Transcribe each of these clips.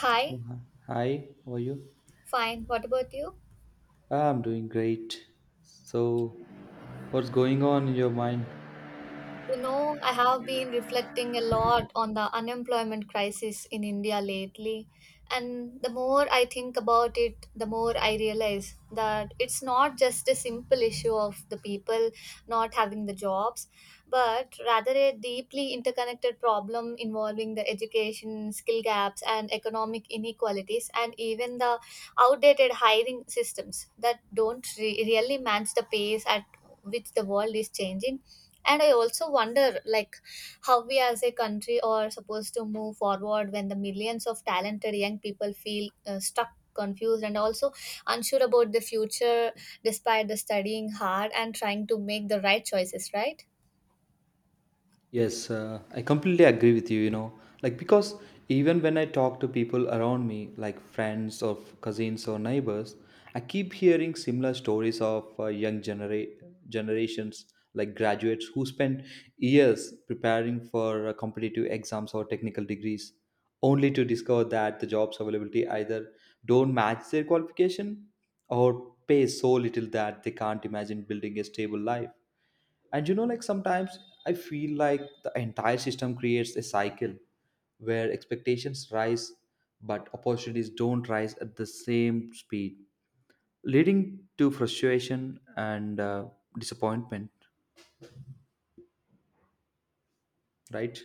Hi, So, hi, hi, how are you? fine. What about you? Ah, I'm doing great. So, what's going on in your mind? You know, I have been reflecting a lot on the unemployment crisis in India lately. And the more I think about it, the more I realize that it's not just a simple issue of the people not having the jobs, but rather a deeply interconnected problem involving the education, skill gaps, and economic inequalities, and even the outdated hiring systems that don't really match the pace at which the world is changing. And I also wonder, like, how we as a country are supposed to move forward when the millions of talented young people feel stuck, confused, and also unsure about the future despite the studying hard and trying to make the right choices, right? Yes, I completely agree with you, you know, like because even when I talk to people around me, like friends or cousins or neighbors, I keep hearing similar stories of young generations, like graduates who spend years preparing for competitive exams or technical degrees, only to discover that the jobs availability either don't match their qualification or pay so little that they can't imagine building a stable life. And you know, like sometimes I feel like the entire system creates a cycle where expectations rise but opportunities don't rise at the same speed, leading to frustration and disappointment, right?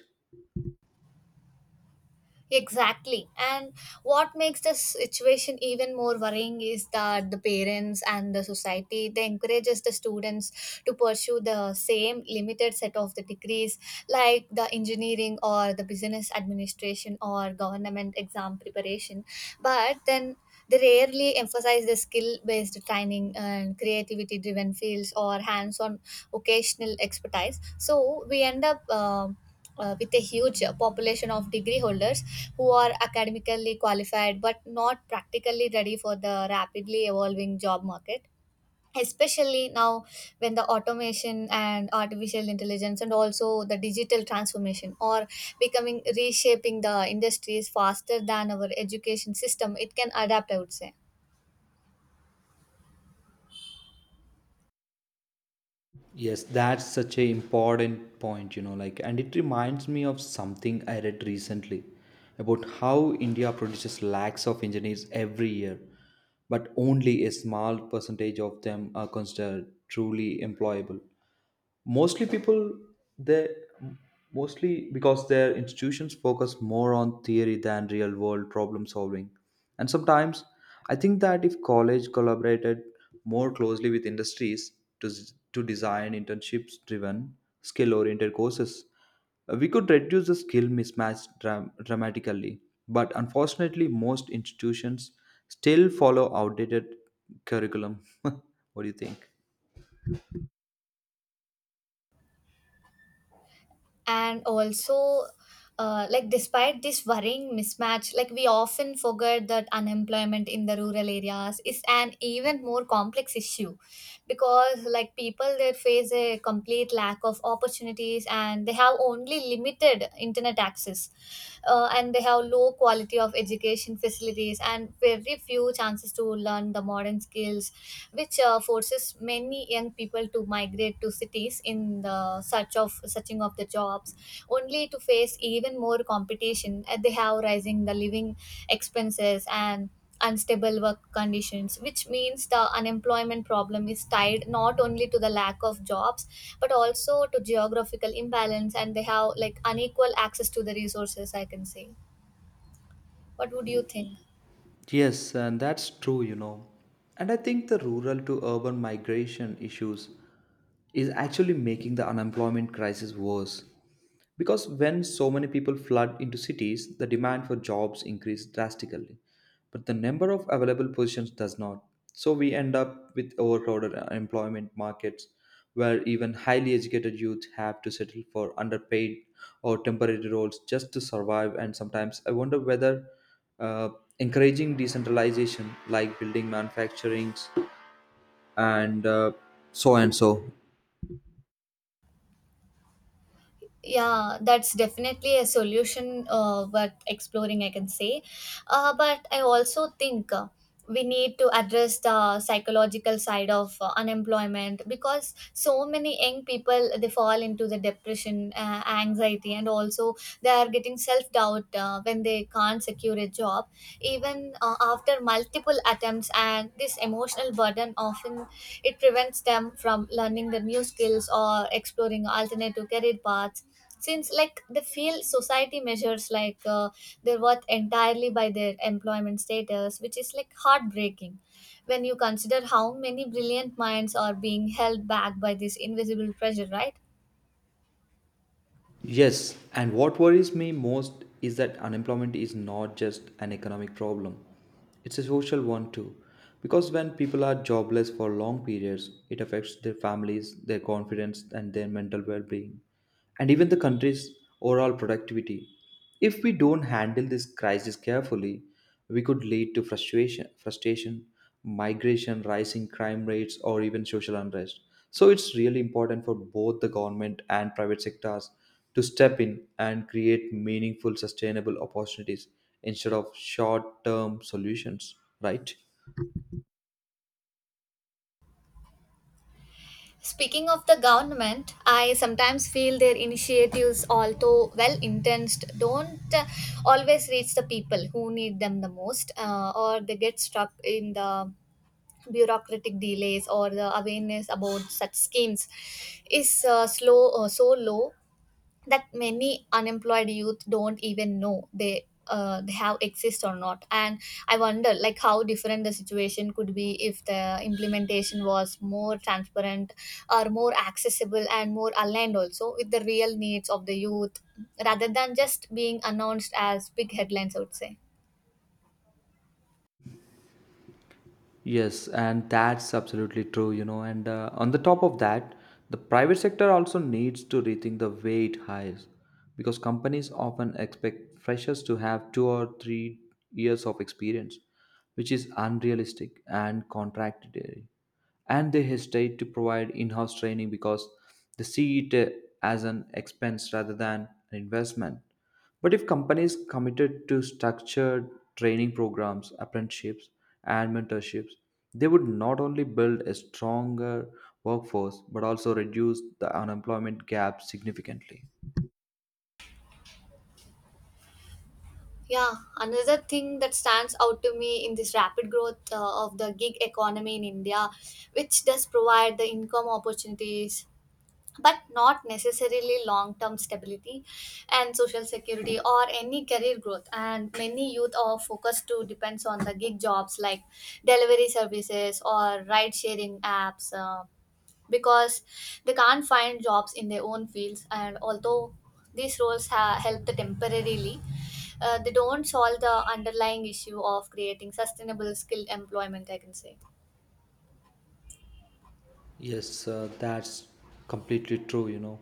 Exactly. And what makes the situation even more worrying is that the parents and the society they encourages the students to pursue the same limited set of the degrees like the engineering or the business administration or government exam preparation. But then they rarely emphasize the skill based training and creativity driven fields or hands on occasional expertise. So we end up with a huge population of degree holders who are academically qualified but not practically ready for the rapidly evolving job market, especially now when the automation and artificial intelligence and also the digital transformation are becoming reshaping the industries faster than our education system it can adapt, I would say. Yes, that's such a important point, you know, like, and it reminds me of something I read recently about how India produces lakhs of engineers every year, but only a small percentage of them are considered truly employable, mostly people they mostly because their institutions focus more on theory than real world problem solving. And sometimes I think that if college collaborated more closely with industries to, to design internships driven, skill oriented courses, we could reduce the skill mismatch dramatically, but unfortunately most institutions still follow outdated curriculum. What do you think? And also, like, despite this worrying mismatch, like, we often forget that unemployment in the rural areas is an even more complex issue because, like, people there face a complete lack of opportunities and they have only limited internet access, and they have low quality of education facilities and very few chances to learn the modern skills, which forces many young people to migrate to cities in the search of searching of the jobs, only to face even more competition at they have rising the living expenses and unstable work conditions, which means the unemployment problem is tied not only to the lack of jobs but also to geographical imbalance and they have like unequal access to the resources, I can say. What would you think? Yes, and that's true, you know. And I think the rural to urban migration issues is actually making the unemployment crisis worse. Because when so many people flood into cities, the demand for jobs increases drastically, but the number of available positions does not. So we end up with overcrowded employment markets where even highly educated youth have to settle for underpaid or temporary roles just to survive. And sometimes I wonder whether uh, encouraging decentralization, like building manufacturing and so and so. Yeah, that's definitely a solution worth exploring, I can say. But I also think, we need to address the psychological side of unemployment because so many young people they fall into the depression, anxiety, and also they are getting self doubt when they can't secure a job even after multiple attempts, and this emotional burden often it prevents them from learning the new skills or exploring alternative career paths since, like, they feel society measures, like, their worth entirely by their employment status, which is like heartbreaking when you consider how many brilliant minds are being held back by this invisible pressure, right? Yes, and what worries me most is that unemployment is not just an economic problem, it's a social one too. Because when people are jobless for long periods, it affects their families, their confidence, and their mental well being, and even the country's overall productivity. If we don't handle this crisis carefully, we could lead to frustration, migration, rising crime rates, or even social unrest. So it's really important for both the government and private sectors to step in and create meaningful, sustainable opportunities instead of short-term solutions. Right? Speaking of the government, I sometimes feel their initiatives, although well intentioned, don't always reach the people who need them the most, or they get stuck in the bureaucratic delays or the awareness about such schemes is, slow or so low that many unemployed youth don't even know they have exist or not. And I wonder, like, how different the situation could be if the implementation was more transparent or more accessible and more aligned also with the real needs of the youth rather than just being announced as big headlines, I would say. Yes, and that's absolutely true, you know. And on the top of that, the private sector also needs to rethink the way it hires because companies often expect freshers to have 2 or 3 years of experience, which is unrealistic and contradictory. And they hesitate to provide in house training because they see it as an expense rather than an investment. But if companies committed to structured training programs, apprenticeships, and mentorships, they would not only build a stronger workforce but also reduce the unemployment gap significantly. Yeah, another thing that stands out to me in this rapid growth of the gig economy in India, which does provide the income opportunities but not necessarily long term stability and social security or any career growth, and many youth are focused to depends on the gig jobs like delivery services or ride sharing apps, because they can't find jobs in their own fields, and although these help temporarily, they don't solve the underlying issue of creating sustainable skilled employment, I can say. Yes, that's completely true, you know.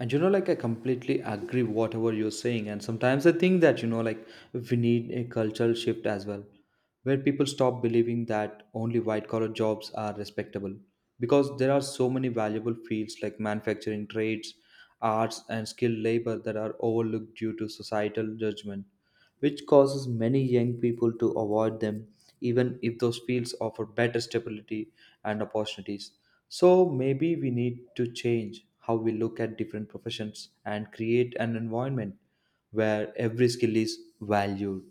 And you know, like I completely agree whatever you're saying. And sometimes I think that, you know, like we need a cultural shift as well, where people stop believing that only white collar jobs are respectable. Because there are so many valuable fields like manufacturing trades, arts, and skilled labor that are overlooked due to societal judgment, which causes many young people to avoid them, even if those fields offer better stability and opportunities. So maybe we need to change how we look at different professions and create an environment where every skill is valued.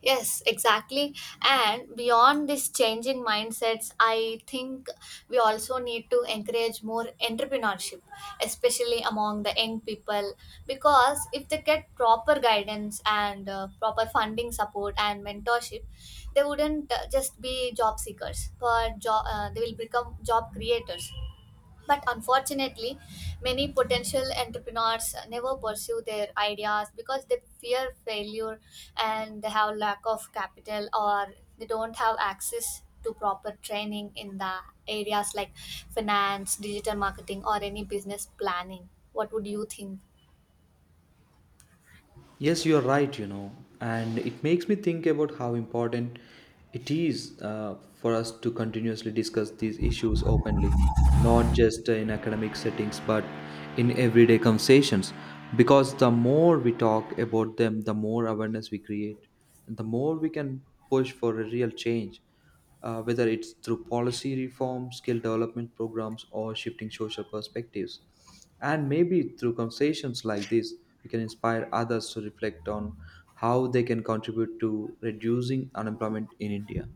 Yes, exactly. And beyond this change in mindsets, I think we also need to encourage more entrepreneurship, especially among the young people, because if they get proper guidance and proper funding support and mentorship, they wouldn't just be job seekers, but they will become job creators. But unfortunately, many potential entrepreneurs never pursue their ideas because they fear failure and they have lack of capital or they don't have access to proper training in the areas like finance, digital marketing, or any business planning. What would you think? Yes, you are right, you know, and it makes me think about how important it is for us to continuously discuss these issues openly, not just in academic settings but in everyday conversations. Because the more we talk about them, the more awareness we create, and the more we can push for a real change, whether it's through policy reform, skill development programs, or shifting social perspectives. And maybe through conversations like this, we can inspire others to reflect on how they can contribute to reducing unemployment in India.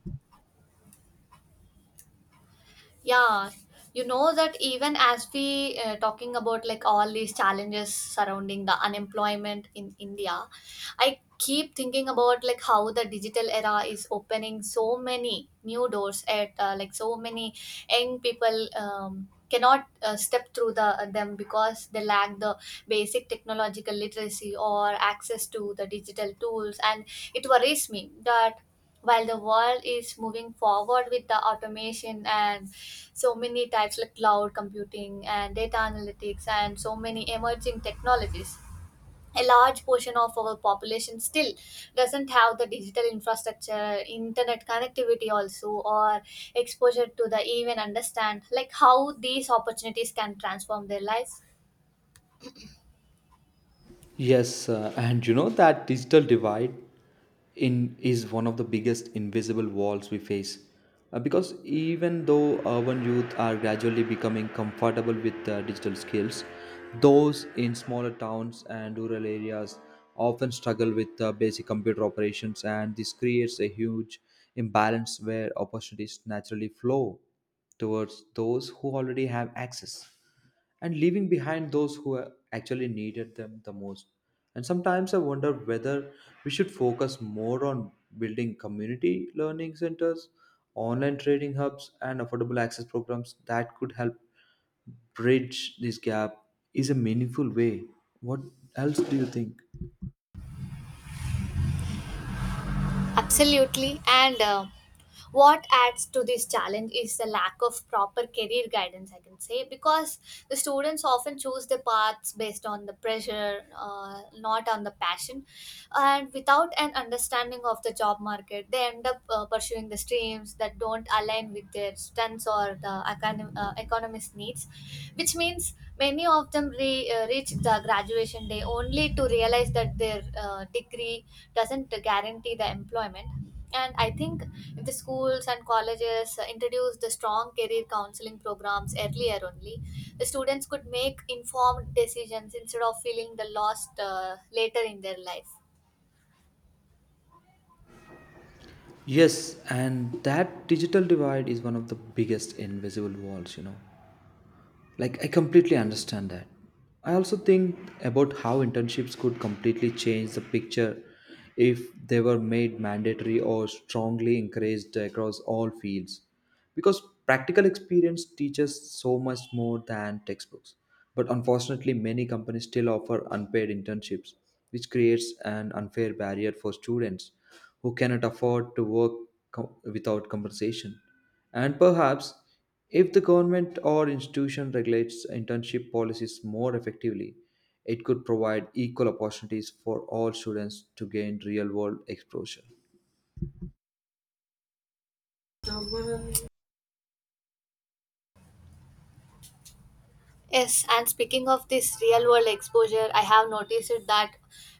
Yeah, you know that even as we talking about like all these challenges surrounding the unemployment in India, I keep thinking about like how the digital era is opening so many new doors at, like so many young people cannot step through the them because they lack the basic technological literacy or access to the digital tools, and it worries me that while the world is moving forward with the automation and so many types like cloud computing and data analytics and so many emerging technologies, a large portion of our population still doesn't have the digital infrastructure, internet connectivity also, or exposure to the even understand like how these opportunities can transform their lives. Yes, and you know that digital divide in is one of the biggest invisible walls we face. Because even though urban youth are gradually becoming comfortable with digital skills, those in smaller towns and rural areas often struggle with basic computer operations, and this creates a huge imbalance where opportunities naturally flow towards those who already have access and leaving behind those who actually needed them the most. And sometimes I wonder whether we should focus more on building community learning centers, online trading hubs, and affordable access programs that could help bridge this gap is a meaningful way. What else do you think? Absolutely. And, what adds to this challenge is the lack of proper career guidance, I can say, because the students often choose the paths based on the pressure, not on the passion. And without an understanding of the job market, they end up pursuing the streams that don't align with their strengths or the economist needs, which means many of them reach the graduation day only to realize that their degree doesn't guarantee the employment. And I think if the schools and colleges introduce the strong career counseling programs earlier only, the students could make informed decisions instead of feeling the lost, later in their life. Yes, and that digital divide is one of the biggest invisible walls, you know. Like, I completely understand that. I also think about how internships could completely change the picture if they were made mandatory or strongly encouraged across all fields. Because practical experience teaches so much more than textbooks. But unfortunately, many companies still offer unpaid internships, which creates an unfair barrier for students who cannot afford to work without compensation. And perhaps if the government or institution regulates internship policies more effectively, it could provide equal opportunities for all students to gain real world exposure. Yes, and speaking of this real world exposure, I have noticed it that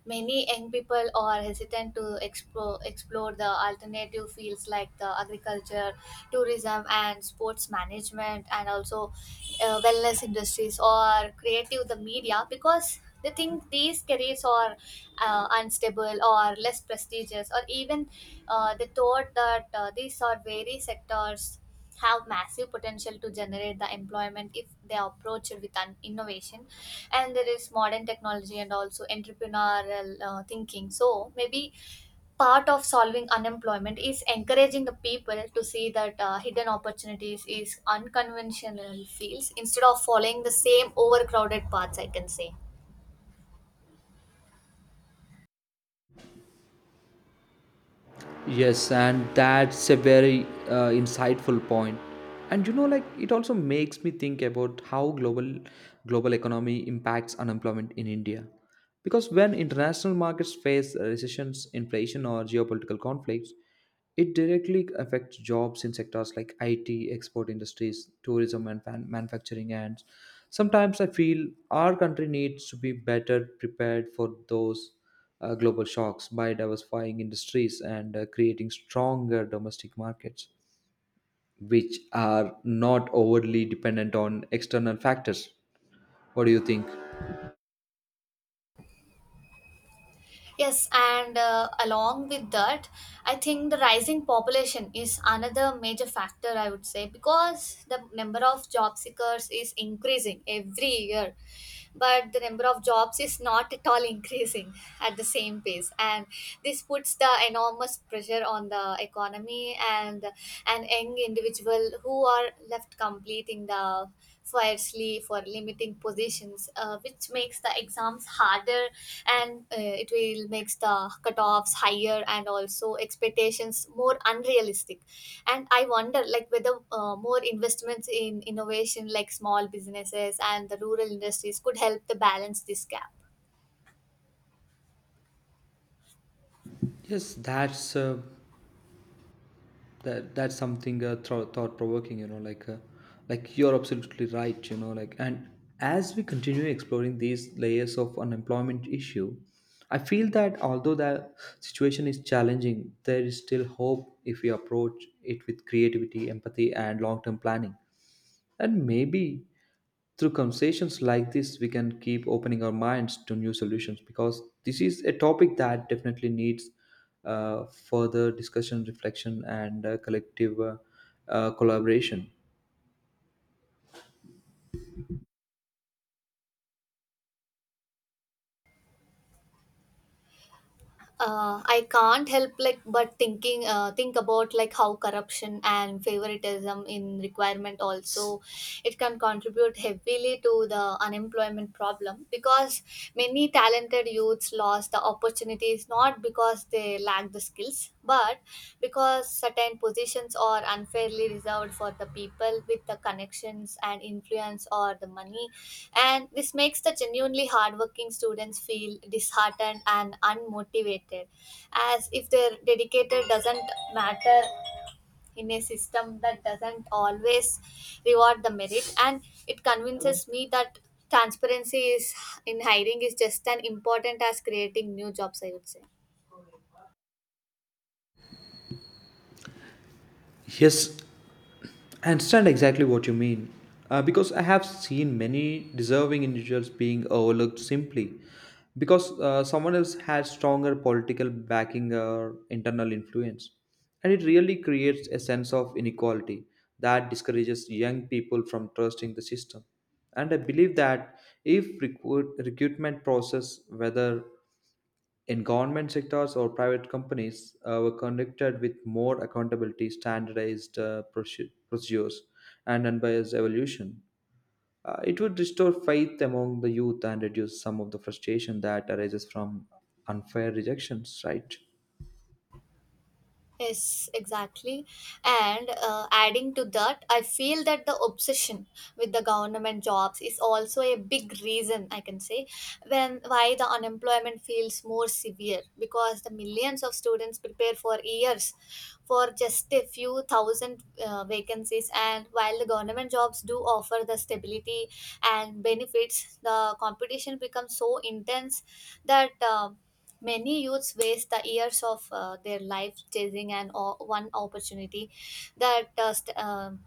many young people are hesitant to explore the alternative fields like the agriculture, tourism, and sports management, and also wellness industries or creative the media because they think these careers are unstable or less prestigious, or even they thought that, these are very sectors have massive potential to generate the employment if they are approached with an innovation and there is modern technology and also entrepreneurial thinking. So maybe part of solving unemployment is encouraging the people to see that hidden opportunities is unconventional fields instead of following the same overcrowded paths, I can say. Yes, and that's a very insightful point. And you know, like it also makes me think about how global economy impacts unemployment in India. Because when international markets face recessions, inflation, or geopolitical conflicts, it directly affects jobs in sectors like IT, export industries, tourism, and manufacturing. And sometimes I feel our country needs to be better prepared for those global shocks by diversifying industries and creating stronger domestic markets, which are not overly dependent on external factors. What do you think? Yes, and, along with that, I think the rising population is another major factor, I would say, because the number of job seekers is increasing every year but the number of jobs is not at all increasing at the same pace, and this puts the enormous pressure on the economy, and an young individual who are left completing the fiercely for limiting positions, which makes the exams harder and, it will makes the cutoffs higher and also expectations more unrealistic. And I wonder, like, whether more investments in innovation like small businesses and the rural industries could help to balance this gap. Yes, that's a that that's something thought provoking, you know, like you're absolutely right, you know, like. And as we continue exploring these layers of unemployment issue, I feel that although the situation is challenging, there is still hope if we approach it with creativity, empathy, and long term planning. And maybe through conversations like this, we can keep opening our minds to new solutions, because this is a topic that definitely needs further discussion, reflection, and collective collaboration. I can't help, like, but think about like how corruption and favoritism in requirement also it can contribute heavily to the unemployment problem because many talented youths lost the opportunities not because they lack the skills but because certain positions are unfairly reserved for the people with the connections and influence or the money, and this makes the genuinely hardworking students feel disheartened and unmotivated as if their dedicated doesn't matter in a system that doesn't always reward the merit. And it convinces me that transparency is in hiring is just as important as creating new jobs, I would say. Yes, I understand exactly what you mean, because I have seen many deserving individuals being overlooked simply because someone else has stronger political backing or internal influence. And it really creates a sense of inequality that discourages young people from trusting the system. And I believe that if recruitment process, whether in government sectors or private companies, were connected with more accountability, standardized procedures, and unbiased evolution. It would restore faith among the youth and reduce some of the frustration that arises from unfair rejections, right? Yes, exactly. And, adding to that, I feel that the obsession with the government jobs is also a big reason, I can say, when why the unemployment feels more severe because the millions of students prepare for years for just a few thousand vacancies. And while the government jobs do offer the stability and benefits, the competition becomes so intense that, many youths waste the years of their life chasing an one opportunity that,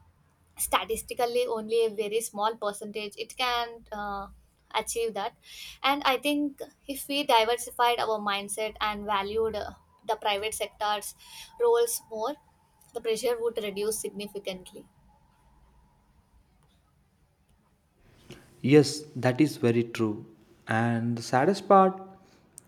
statistically only a very small percentage it can, achieve that. And I think if we diversified our mindset and valued, the private sector's roles more, the pressure would reduce significantly. Yes, that is very true. And the saddest part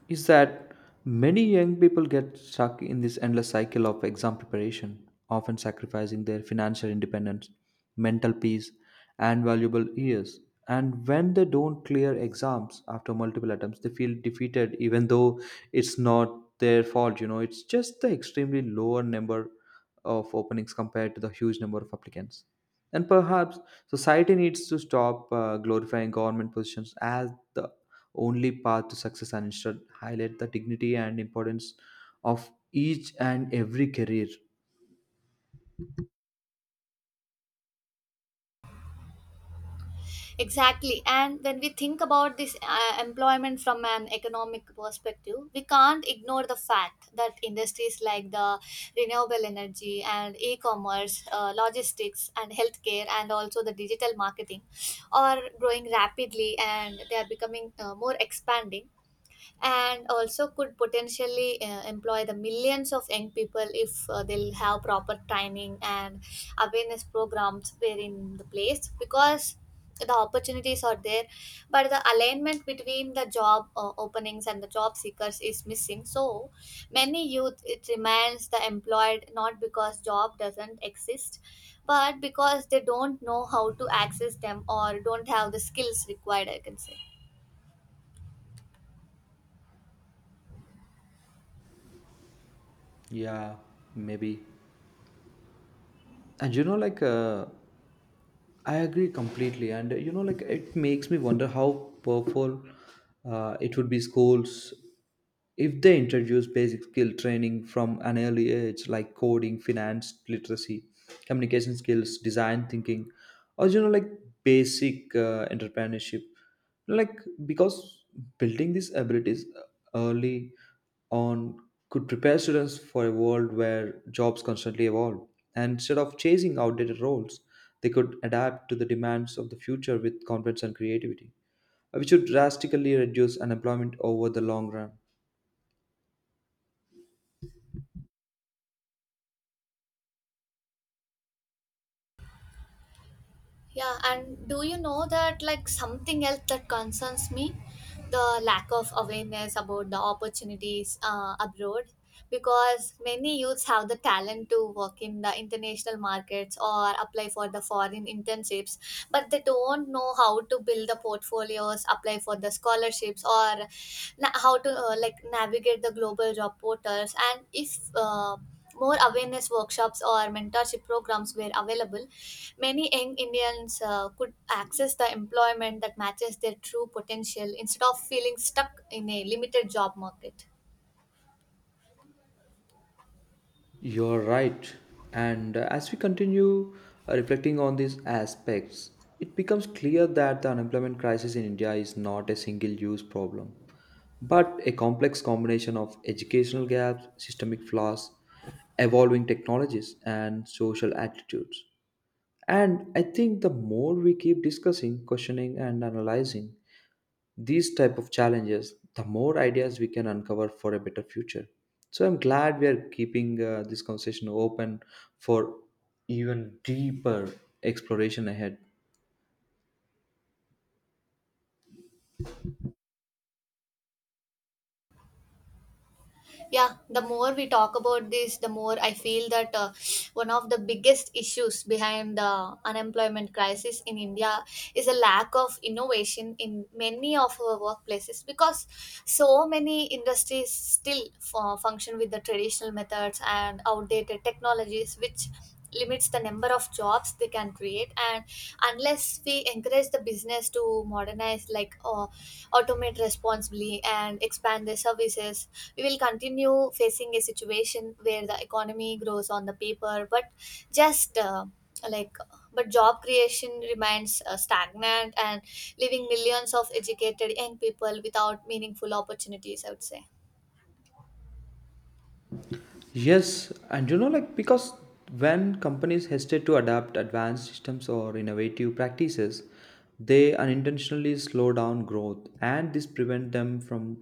is that many young people get stuck in this endless cycle of exam preparation, often sacrificing their financial independence, mental peace, and valuable years. And when they don't clear exams after multiple attempts, they feel defeated, even though it's not their fault. You know, it's just the extremely lower number of openings compared to the huge number of applicants. And perhaps society needs to stop glorifying government positions as the only path to success and instead highlight the dignity and importance of each and every career. Exactly. And when we think about this employment from an economic perspective, we can't ignore the fact that industries like the renewable energy and e commerce, logistics, and healthcare, and also the digital marketing are growing rapidly and they are becoming more expanding and also could potentially employ the millions of young people if they'll have proper training and awareness programs were in the place because the opportunities are there but the alignment between the job openings and the job seekers is missing, so many youth it remains the employed not because job doesn't exist but because they don't know how to access them or don't have the skills required, I can say. Yeah, maybe. And you know, like I agree completely. And you know, like it makes me wonder how powerful it would be schools if they introduce basic skill training from an early age like coding, finance literacy, communication skills, design thinking, or you know, like basic entrepreneurship. Like, because building these abilities early on could prepare students for a world where jobs constantly evolve, and instead of chasing outdated roles they could adapt to the demands of the future with confidence and creativity, which would drastically reduce unemployment over the long run. Yeah, and do you know that like something else that concerns me, the lack of awareness about the opportunities abroad, because many youths have the talent to work in the international markets or apply for the foreign internships, but they don't know how to build the portfolios, apply for the scholarships, or how to like navigate the global job portals. And if more awareness workshops or mentorship programs were available, many young Indians could access the employment that matches their true potential instead of feeling stuck in a limited job market. You're right. And as we continue reflecting on these aspects, it becomes clear that the unemployment crisis in India is not a single use problem, but a complex combination of educational gaps, systemic flaws, evolving technologies, and social attitudes. And I think the more we keep discussing, questioning, and analyzing these type of challenges, the more ideas we can uncover for a better future. So I'm glad we are keeping this conversation open for even deeper exploration ahead. Yeah, the more we talk about this the more I feel that one of the biggest issues behind the unemployment crisis in India is a lack of innovation in many of our workplaces because so many industries still function with the traditional methods and outdated technologies which limits the number of jobs they can create. And unless we encourage the business to modernize, like automate responsibly and expand their services, we will continue facing a situation where the economy grows on the paper, but just like but job creation remains stagnant and leaving millions of educated young people without meaningful opportunities, I would say. Yes, and you know, like because when companies hesitate to adapt advanced systems or innovative practices, they unintentionally slow down growth, and this prevent them from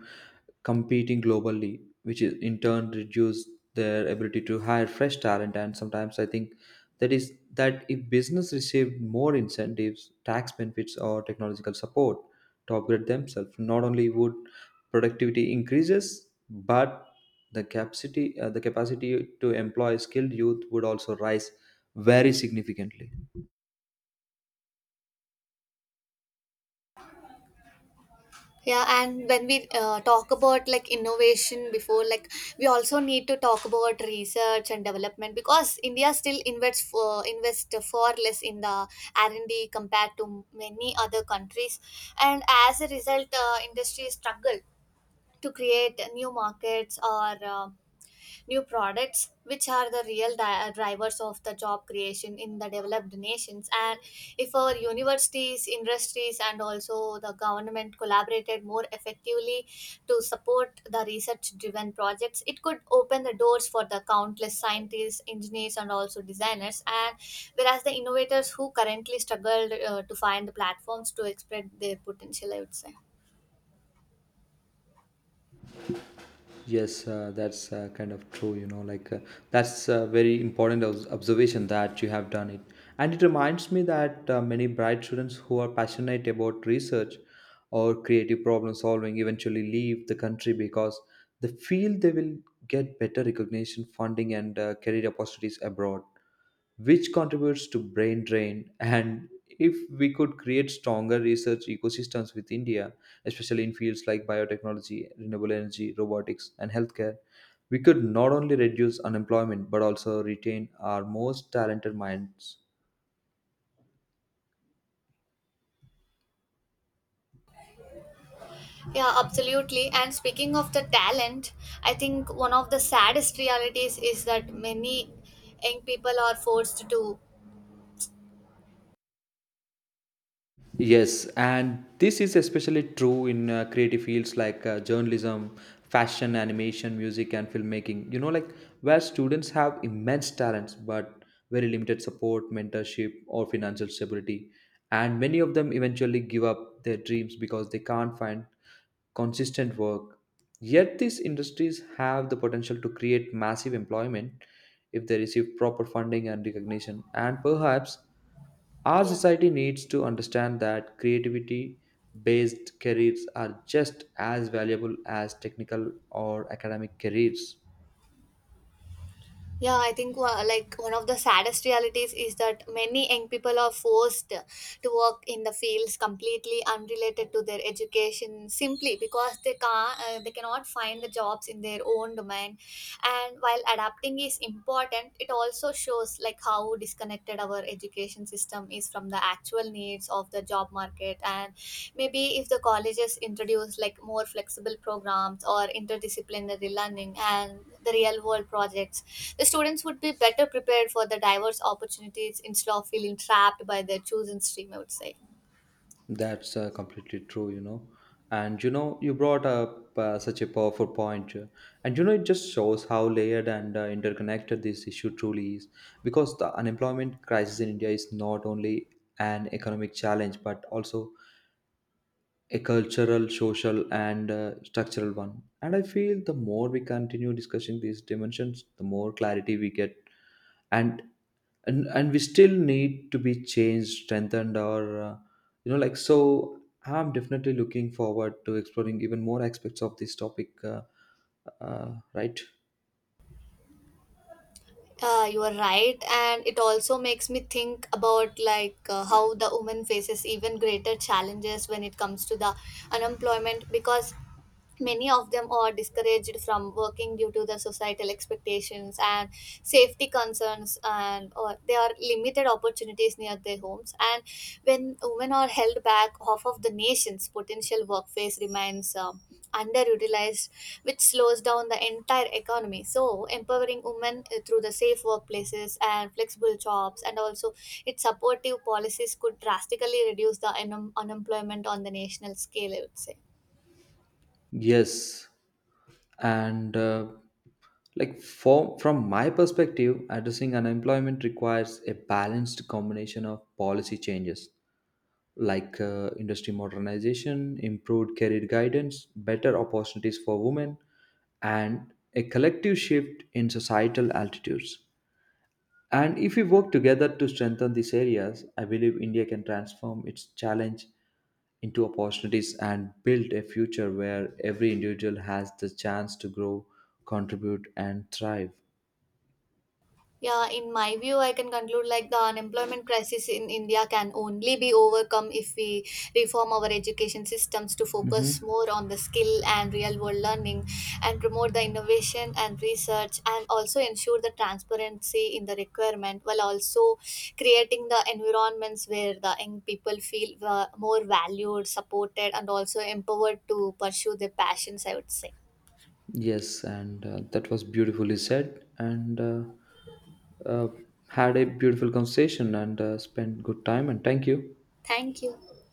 competing globally, which is in turn reduce their ability to hire fresh talent. And sometimes I think that is that if business received more incentives, tax benefits, or technological support to upgrade themselves. Not only would productivity increases, but the capacity to employ skilled youth would also rise very significantly. Yeah, and when we talk about like innovation before, like we also need to talk about research and development because India still invests for invest far less in the R and D compared to many other countries, and as a result, industries struggle to create new markets or new products which are the real drivers of the job creation in the developed nations. And if our universities, industries, and also the government collaborated more effectively to support the research driven projects, it could open the doors for the countless scientists, engineers, and also designers, and whereas the innovators who currently struggled to find the platforms to express their potential, I would say. Yes, that's kind of true, you know, like. That's a very important observation that you have done it. And it reminds me that many bright students who are passionate about research or creative problem solving eventually leave the country because they feel they will get better recognition, funding, and career opportunities abroad, which contributes to brain drain. And if we could create stronger research ecosystems with India, especially in fields like biotechnology, renewable energy, robotics, and healthcare, we could not only reduce unemployment but also retain our most talented minds. Yeah, absolutely. And speaking of the talent, I think one of the saddest realities is that many young people are forced to. Yes, and this is especially true in creative fields like journalism, fashion, animation, music, and filmmaking. You know, like where students have immense talents but very limited support, mentorship, or financial stability. And many of them eventually give up their dreams because they can't find consistent work. Yet, these industries have the potential to create massive employment if they receive proper funding and recognition. And perhaps our Yeah, society needs to understand that creativity based careers are just as valuable as technical or academic careers. yeah. I think like one of the saddest realities is that many young people are forced to work in the fields completely unrelated to their education simply because they can't, they cannot find the jobs in their own domain. And while adapting is important, it also shows like how disconnected our education system is from the actual needs of the job market. And maybe if the colleges introduce like more flexible programs or interdisciplinary learning and the real world projects, the students would be better prepared for the diverse opportunities instead of feeling trapped by their chosen stream, I would say. That's completely true, you know. And you know, you brought up such a powerful point, and you know, it just shows how layered and interconnected this issue truly is. Because the unemployment crisis in India is not only an economic challenge but also a cultural, social, and structural one. And I feel the more we continue discussing these dimensions, the more clarity we get. And and we still need to be changed, strengthened, or you know, like so. I'm definitely looking forward to exploring even more aspects of this topic. Right? You are right, and it also makes me think about like how the woman faces even greater challenges when it comes to the unemployment because many of them are discouraged from working due to the societal expectations and safety concerns, and or they are limited opportunities near their homes. And when women are held back, half of the nation's potential workforce remains underutilized, which slows down the entire economy. So empowering women through the safe workplaces and flexible jobs and also its supportive policies could drastically reduce the unemployment on the national scale, I would say. Yes, and from my perspective addressing unemployment requires a balanced combination of policy changes like industry modernization, improved career guidance, better opportunities for women, and a collective shift in societal altitudes. And if we work together to strengthen these areas, I believe India can transform its challenge into opportunities and build a future where every individual has the chance to grow, contribute, and thrive. Yeah, in my view, I can conclude like the unemployment crisis in India can only be overcome if we reform our education systems to focus Mhm. more on the skill and real world learning, and promote the innovation and research, and also ensure the transparency in the requirement, while also creating the environments where the young people feel more valued, supported, and also empowered to pursue their passions. I would say. Yes, and that was beautifully said. And uh, had a beautiful conversation and spent good time. And thank you. Thank you.